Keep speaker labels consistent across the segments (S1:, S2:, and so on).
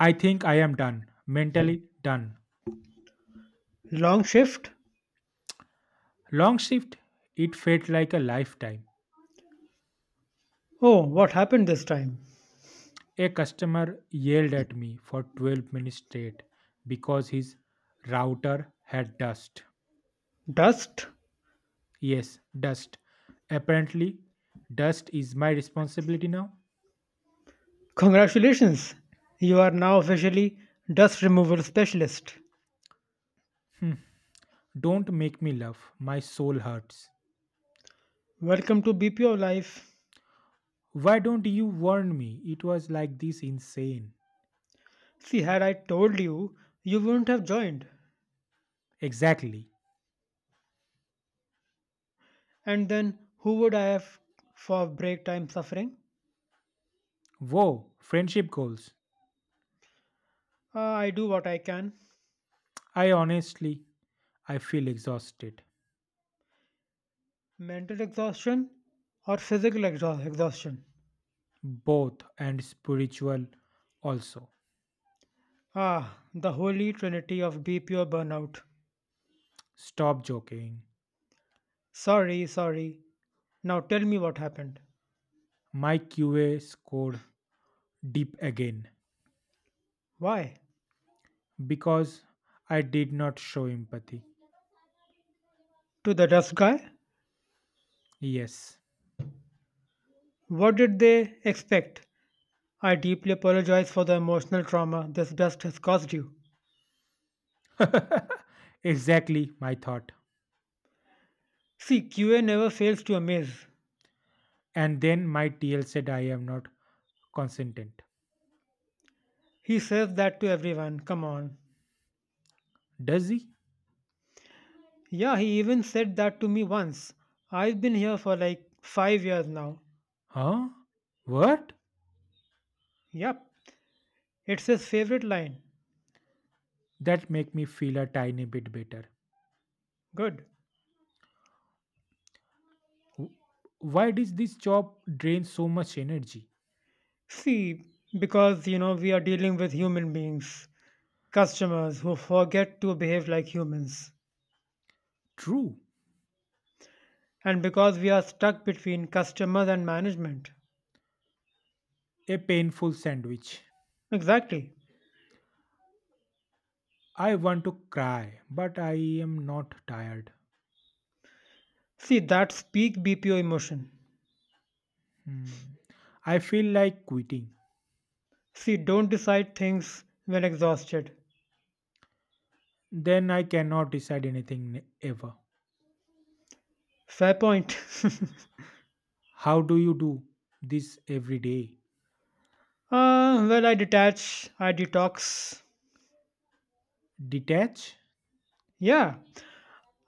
S1: I think I am done, mentally done.
S2: Long shift?
S1: Long shift, it felt like a lifetime.
S2: Oh, what happened this time?
S1: A customer yelled at me for 12 minutes straight because his router had dust.
S2: Dust?
S1: Yes, dust. Apparently, dust is my responsibility now.
S2: Congratulations! You are now officially dust removal specialist.
S1: Don't make me laugh, my soul hurts.
S2: Welcome to BPO Life.
S1: Why don't you warn me? It was like this insane.
S2: See, had I told you, you wouldn't have joined.
S1: Exactly.
S2: And then who would I have for break time suffering?
S1: Whoa, friendship goals.
S2: I do what I can.
S1: I honestly, I feel exhausted.
S2: Mental exhaustion or physical exhaustion?
S1: Both and spiritual also.
S2: Ah, the holy trinity of BPO burnout.
S1: Stop joking.
S2: Sorry, sorry. Now tell me what happened.
S1: My QA scored deep again
S2: Why?
S1: because I did not show empathy.
S2: To the tough guy?
S1: Yes,
S2: What did they expect? I deeply apologize for the emotional trauma this dust has caused you.
S1: exactly my thought.
S2: See, QA never fails to amaze.
S1: And then my TL said I am not consentent.
S2: He says that to everyone, come on.
S1: Does he?
S2: Yeah, he even said that to me once. I've been here for like 5 years now.
S1: Huh? What?
S2: Yep, it's his favorite line.
S1: That make me feel a tiny bit better.
S2: Good.
S1: Wh- Why does this job drain so much energy?
S2: See, because we are dealing with human beings, customers who forget to behave like humans.
S1: True,
S2: And because we are stuck between customers and management,
S1: a painful sandwich.
S2: Exactly.
S1: I want to cry, but I am not tired.
S2: See, that's peak BPO emotion.
S1: Hmm. I feel like quitting.
S2: See, don't decide things when exhausted.
S1: Then I cannot decide anything ever.
S2: Fair point.
S1: How do you do this every day?
S2: Well, I detach, I detox.
S1: Detach
S2: Yeah,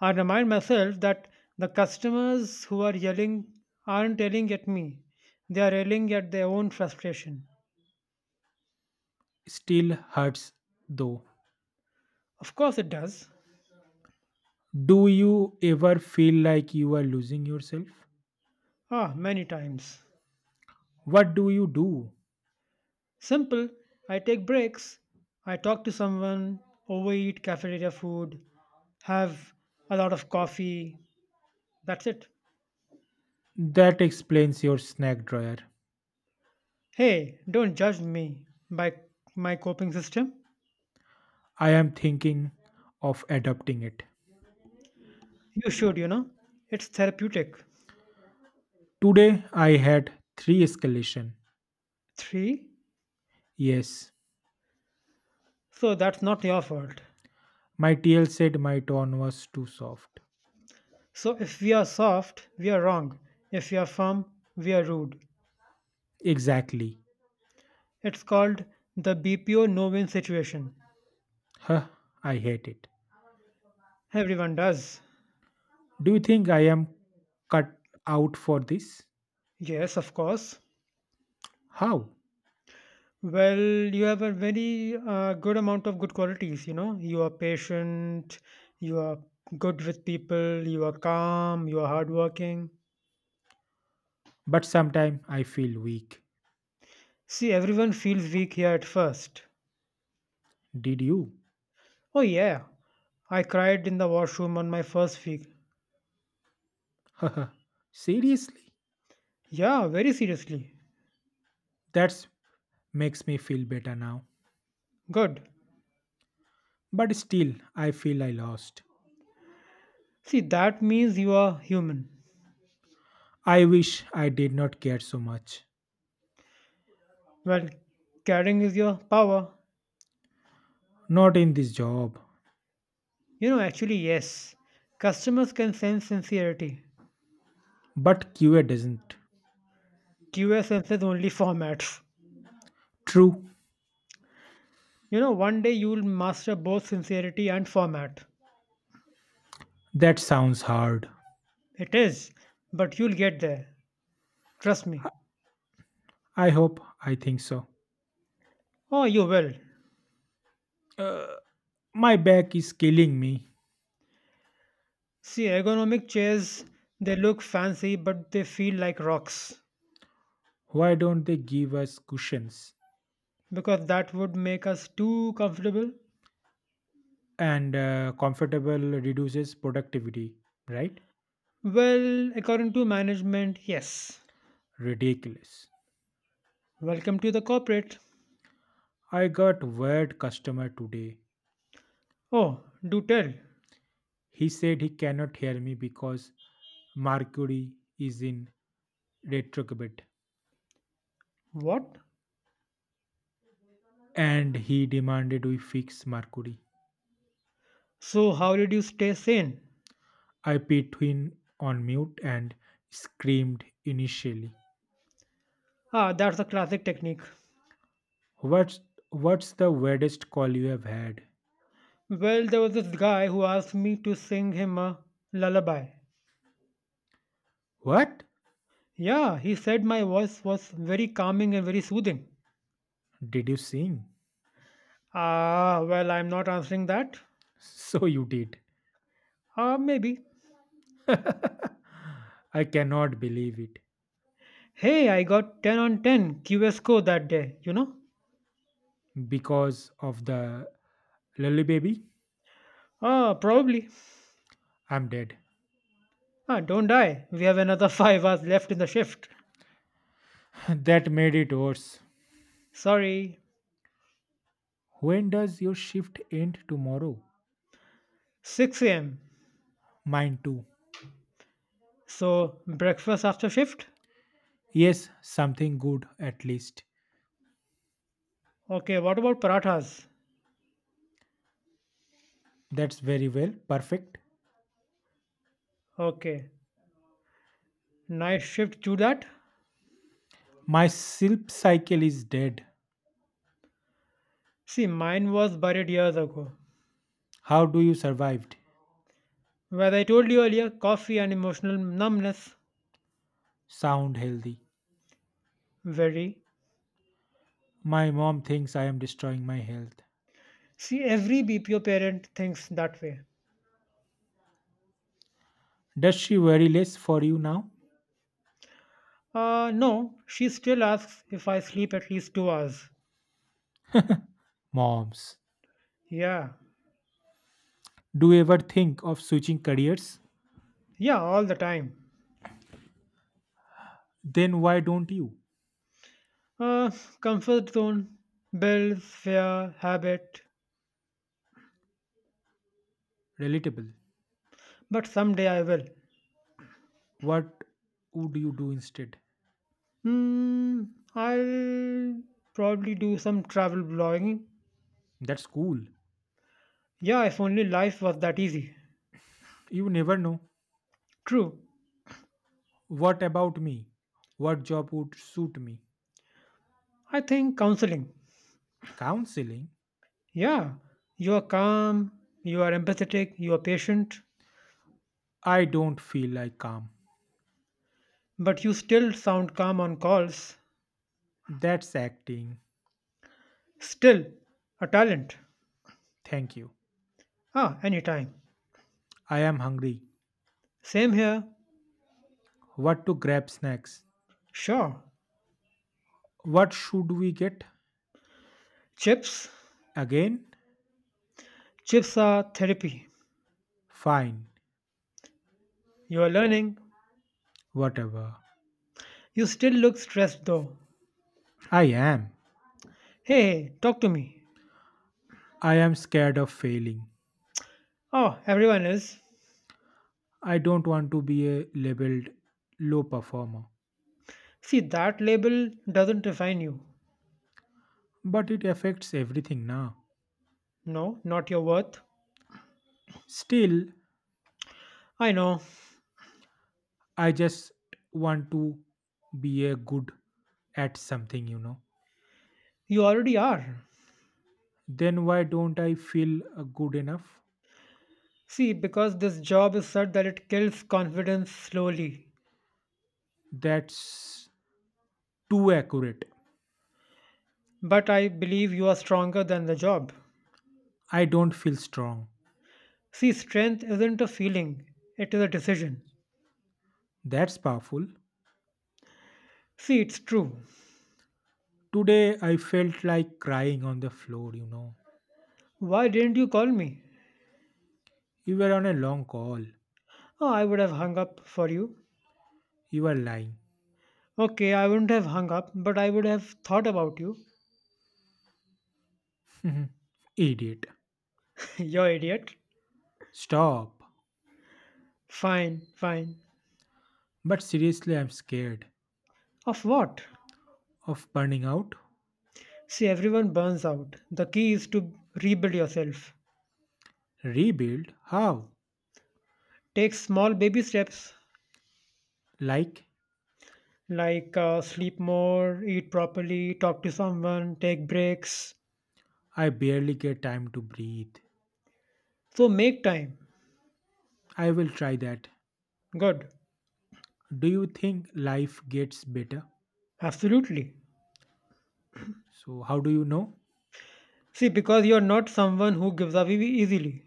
S2: I remind myself that the customers who are yelling aren't yelling at me, they are yelling at their own frustration.
S1: still hurts though.
S2: Of course, it does.
S1: Do you ever feel like you are losing yourself?
S2: Ah, many times.
S1: What do you do?
S2: Simple, I take breaks, I talk to someone, overeat cafeteria food, have a lot of coffee. That's it.
S1: That explains your snack drawer.
S2: Hey, don't judge me by my coping system.
S1: I am thinking of adopting it.
S2: You should. It's therapeutic.
S1: Today I had three escalation.
S2: Three,
S1: Yes.
S2: so that's not your fault.
S1: My TL said my tone was too soft.
S2: So if we are soft, we are wrong. If we are firm, we are rude.
S1: Exactly.
S2: It's called the BPO no win situation.
S1: Huh, I hate it.
S2: Everyone does.
S1: Do you think I am cut out for this?
S2: Yes, of course.
S1: How?
S2: Well, you have a very good amount of good qualities, you know. You are patient, you are good with people, you are calm, you are hardworking.
S1: But sometimes I feel weak.
S2: See, everyone feels weak here at first.
S1: Did you?
S2: Oh, yeah, I cried in the washroom on my first week.
S1: Seriously?
S2: Yeah, very seriously.
S1: That makes me feel better now.
S2: Good.
S1: But still, I feel I lost.
S2: See, that means you are human.
S1: I wish I did not care so much.
S2: Well, caring is your power.
S1: Not in this job.
S2: You know, actually, yes. Customers can sense sincerity.
S1: But QA doesn't.
S2: QA senses only formats.
S1: True.
S2: You know, one day you'll master both sincerity and format.
S1: That sounds hard.
S2: It is, but you'll get there. Trust me.
S1: I hope I think so.
S2: Oh, you will.
S1: Uh. My back is killing me.
S2: See, ergonomic chairs, they look fancy, but they feel like rocks
S1: Why don't they give us cushions?
S2: because that would make us too comfortable.
S1: And comfortable reduces productivity, right?
S2: Well, according to management, yes.
S1: Ridiculous.
S2: Welcome to the corporate.
S1: I got weird customer today.
S2: Oh, do tell.
S1: He said he cannot hear me because Mercury is in retrograde
S2: What?
S1: and he demanded we fix Mercury.
S2: So, how did you stay sane?
S1: I put him on mute and screamed initially.
S2: Ah, that's a classic technique.
S1: What's what's the weirdest call you have had?
S2: Well, there was this guy who asked me to sing him a lullaby.
S1: What?
S2: Yeah, he said my voice was very calming and very soothing.
S1: Did you sing?
S2: Ah, well, I'm not answering that.
S1: So you did.
S2: Ah, maybe.
S1: I cannot believe it.
S2: Hey, I got 10 on 10 QSCO that day, you know?
S1: Because of the lily baby,
S2: Ah, probably.
S1: I'm dead.
S2: Ah, don't die. We have another 5 hours left in the shift.
S1: That made it worse.
S2: Sorry.
S1: When does your shift end tomorrow?
S2: 6 am.
S1: Mine too.
S2: So, breakfast after shift?
S1: Yes, something good at least.
S2: Okay, what about parathas?
S1: That's very well. Perfect.
S2: Okay. Night shift to that?
S1: My sleep cycle is dead.
S2: See, mine was buried years ago.
S1: How do you survived?
S2: Where I told you earlier, coffee and emotional numbness.
S1: Sound healthy.
S2: Very.
S1: My mom thinks I am destroying my health.
S2: See, every BPO parent thinks that way.
S1: Does she worry less for you now?
S2: No, she still asks if I sleep at least 2 hours.
S1: Moms.
S2: Yeah,
S1: Do you ever think of switching careers?
S2: yeah, all the time.
S1: Then why don't you?
S2: Uh, Comfort zone, bills, fear, habit.
S1: Relatable.
S2: But someday I will.
S1: What would you do instead?
S2: Hmm, I'll probably do some travel blogging.
S1: That's cool.
S2: Yeah, if only life was that easy.
S1: You never know.
S2: True.
S1: What about me? What job would suit me?
S2: I think counseling.
S1: Counseling?
S2: Yeah, you are calm, you are empathetic, you are patient,
S1: I don't feel like calm.
S2: but you still sound calm on calls.
S1: That's acting.
S2: Still, a talent.
S1: Thank you.
S2: Ah, anytime.
S1: I am hungry.
S2: Same here.
S1: What to grab snacks?
S2: Sure.
S1: What should we get?
S2: Chips.
S1: Again?
S2: Chips are therapy.
S1: Fine.
S2: You are learning.
S1: Whatever.
S2: You still look stressed though.
S1: I am.
S2: Hey, hey, talk to me.
S1: I am scared of failing.
S2: Oh, everyone is.
S1: I don't want to be a labeled low performer,
S2: See, that label doesn't define you.
S1: but it affects everything now.
S2: No, not your worth.
S1: Still,
S2: I know.
S1: I just want to be a good at something, you know.
S2: You already are.
S1: Then why don't I feel good enough?
S2: See, because this job is such that it kills confidence slowly.
S1: That's too accurate.
S2: But I believe you are stronger than the job.
S1: I don't feel strong.
S2: See, strength isn't a feeling, it is a decision.
S1: That's powerful.
S2: See, it's true.
S1: Today I felt like crying on the floor, you know.
S2: Why didn't you call me?
S1: You were on a long call.
S2: Oh, I would have hung up for you.
S1: You were lying.
S2: Okay, I wouldn't have hung up, but I would have thought about you.
S1: Idiot.
S2: You idiot.
S1: Stop.
S2: Fine, fine.
S1: But seriously, I'm scared.
S2: Of what?
S1: Of burning out?
S2: See, everyone burns out. The key is to rebuild yourself.
S1: Rebuild? How?
S2: Take small baby steps
S1: Like,
S2: like sleep more, eat properly, talk to someone, take breaks.
S1: I barely get time to breathe.
S2: So make time.
S1: I will try that.
S2: Good.
S1: Do you think life gets better?
S2: Absolutely.
S1: So, how do you know?
S2: See, because you're not someone who gives up easily.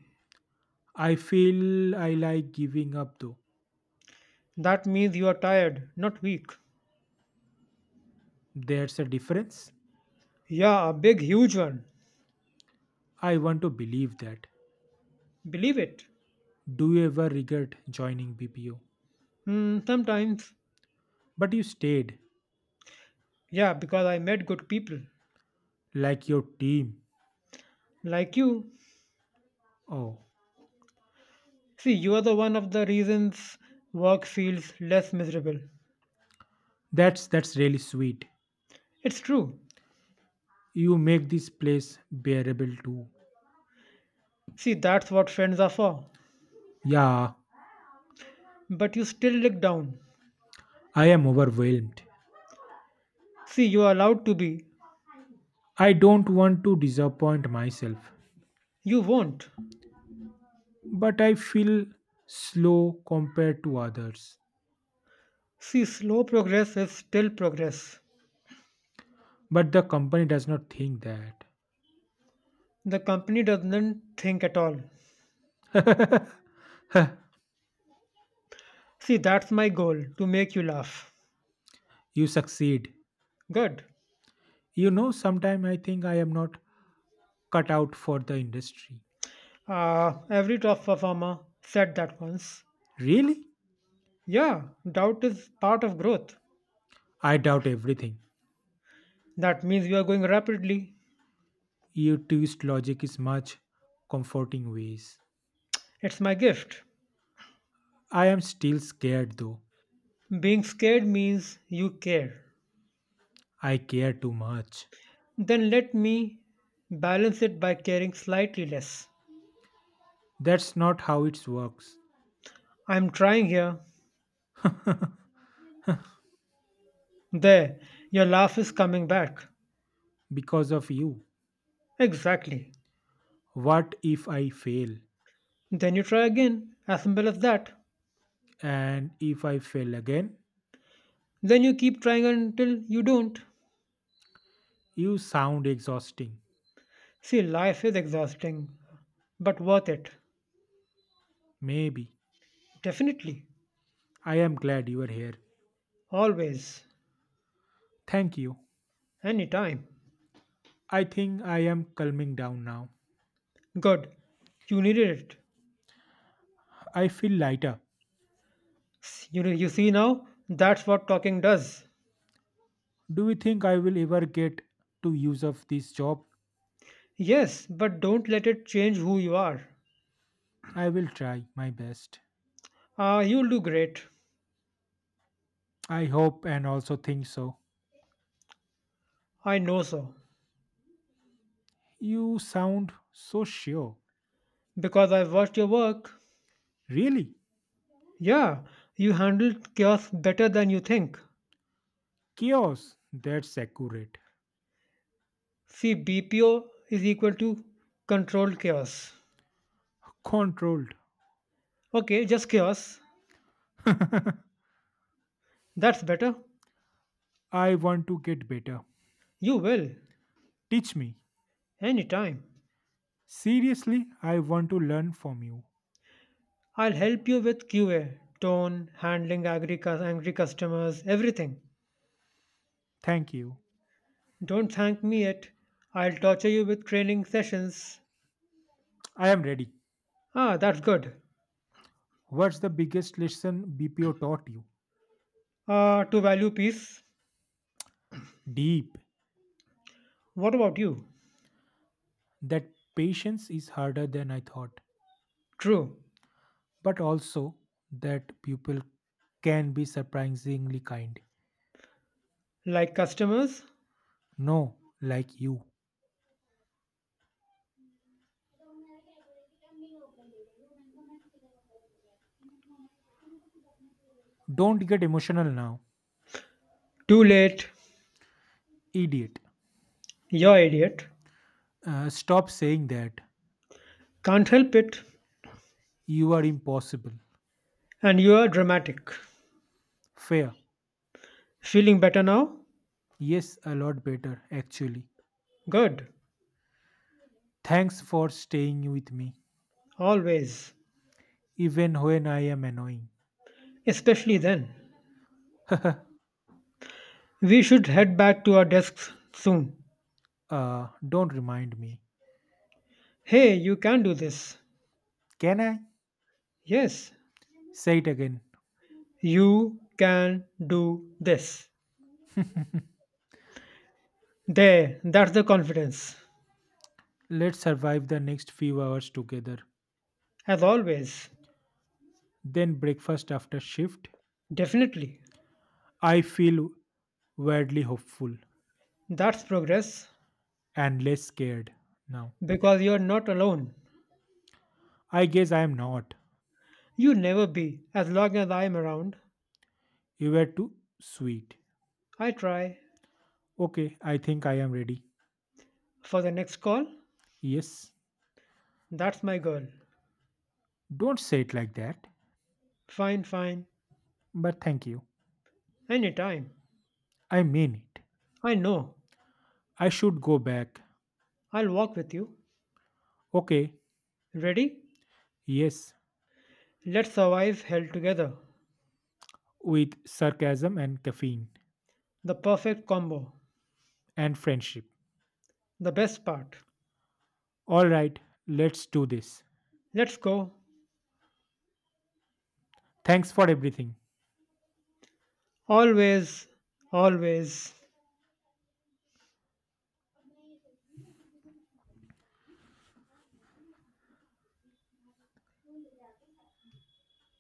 S1: I feel I like giving up though.
S2: That means you are tired, not weak.
S1: There's a difference.
S2: Yeah, a big, huge one.
S1: I want to believe that.
S2: Believe it.
S1: Do you ever regret joining BPO?
S2: Sometimes.
S1: But you stayed,
S2: Yeah, because I met good people.
S1: like your team.
S2: Like you.
S1: Oh,
S2: See, you are the one of the reasons work feels less miserable.
S1: that's really sweet.
S2: It's true.
S1: You make this place bearable too.
S2: See, that's what friends are for.
S1: Yeah,
S2: But you still look down.
S1: I am overwhelmed.
S2: See, you are allowed to be.
S1: I don't want to disappoint myself,
S2: You won't.
S1: but I feel slow compared to others.
S2: See, slow progress is still progress.
S1: But the company does not think that.
S2: The company doesn't think at all.
S1: "Huh,
S2: See, that's my goal to make you laugh.
S1: you succeed.
S2: Good.
S1: You know, sometimes I think I am not cut out for the industry.
S2: Every top performer said that once.
S1: Really?
S2: Yeah, doubt is part of growth.
S1: I doubt everything.
S2: That means you are going rapidly.
S1: You twist logic is much comforting ways.
S2: It's my gift.
S1: I am still scared though.
S2: Being scared means you care.
S1: I care too much.
S2: Then let me balance it by caring slightly less.
S1: That's not how it works.
S2: I'm trying here. There, your laugh is coming back.
S1: Because of you.
S2: Exactly.
S1: What if I fail?
S2: Then you try again. As simple as that.
S1: And if I fail again,
S2: Then you keep trying until you don't.
S1: you sound exhausting.
S2: See, life is exhausting, but worth it.
S1: Maybe.
S2: Definitely.
S1: I am glad you are here.
S2: Always,
S1: Thank you.
S2: anytime.
S1: I think I am calming down now.
S2: Good. You needed it.
S1: I feel lighter.
S2: You see now, that's what talking does.
S1: Do you think I will ever get to use of this job?
S2: Yes, but don't let it change who you are.
S1: I will try my best.
S2: Ah, you'll do great.
S1: I hope and also think so.
S2: I know so.
S1: You sound so sure.
S2: Because I've watched your work.
S1: Really?
S2: Yeah, you handled chaos better than you think.
S1: Chaos. That's accurate.
S2: See, BPO is equal to controlled chaos.
S1: Controlled.
S2: Okay, just chaos. That's better.
S1: I want to get better.
S2: You will.
S1: Teach me.
S2: Anytime.
S1: Seriously, I want to learn from you.
S2: I'll help you with QA, tone, handling angry, angry customers, everything.
S1: Thank you.
S2: Don't thank me yet. I'll torture you with training sessions.
S1: I am ready.
S2: Ah, that's good.
S1: What's the biggest lesson BPO taught you?
S2: To value peace.
S1: Deep.
S2: What about you?
S1: That patience is harder than I thought,
S2: True.
S1: but also that people can be surprisingly kind.
S2: Like customers?
S1: No, like you. Don't get emotional now,
S2: Too late.
S1: idiot.
S2: You're idiot.
S1: Stop saying that.
S2: Can't help it.
S1: You are impossible.
S2: And you are dramatic.
S1: Fair.
S2: Feeling better now?
S1: Yes, a lot better, actually.
S2: Good.
S1: Thanks for staying with me,
S2: Always.
S1: even when I am annoying.
S2: Especially then. We should head back to our desks soon.
S1: Don't remind me.
S2: Hey, you can do this.
S1: Can I?
S2: Yes,
S1: Say it again.
S2: You can do this. There, that's the confidence.
S1: Let's survive the next few hours together.
S2: As always,
S1: Then breakfast after shift.
S2: definitely.
S1: I feel weirdly hopeful
S2: That's progress
S1: and less scared now.
S2: because you're not alone.
S1: I guess I am not.
S2: You never be as long as I'm around.
S1: You were too sweet.
S2: I try.
S1: Okay, I think I am ready.
S2: For the next call,
S1: Yes.
S2: that's my girl.
S1: Don't say it like that.
S2: Fine, fine.
S1: But thank you.
S2: Anytime.
S1: I mean it.
S2: I know.
S1: I should go back.
S2: I'll walk with you.
S1: Okay.
S2: Ready?
S1: Yes.
S2: Let's survive hell together.
S1: With sarcasm and caffeine
S2: The perfect combo.
S1: and friendship.
S2: The best part.
S1: All right. Let's do this.
S2: Let's go.
S1: Thanks for everything.
S2: Always, always.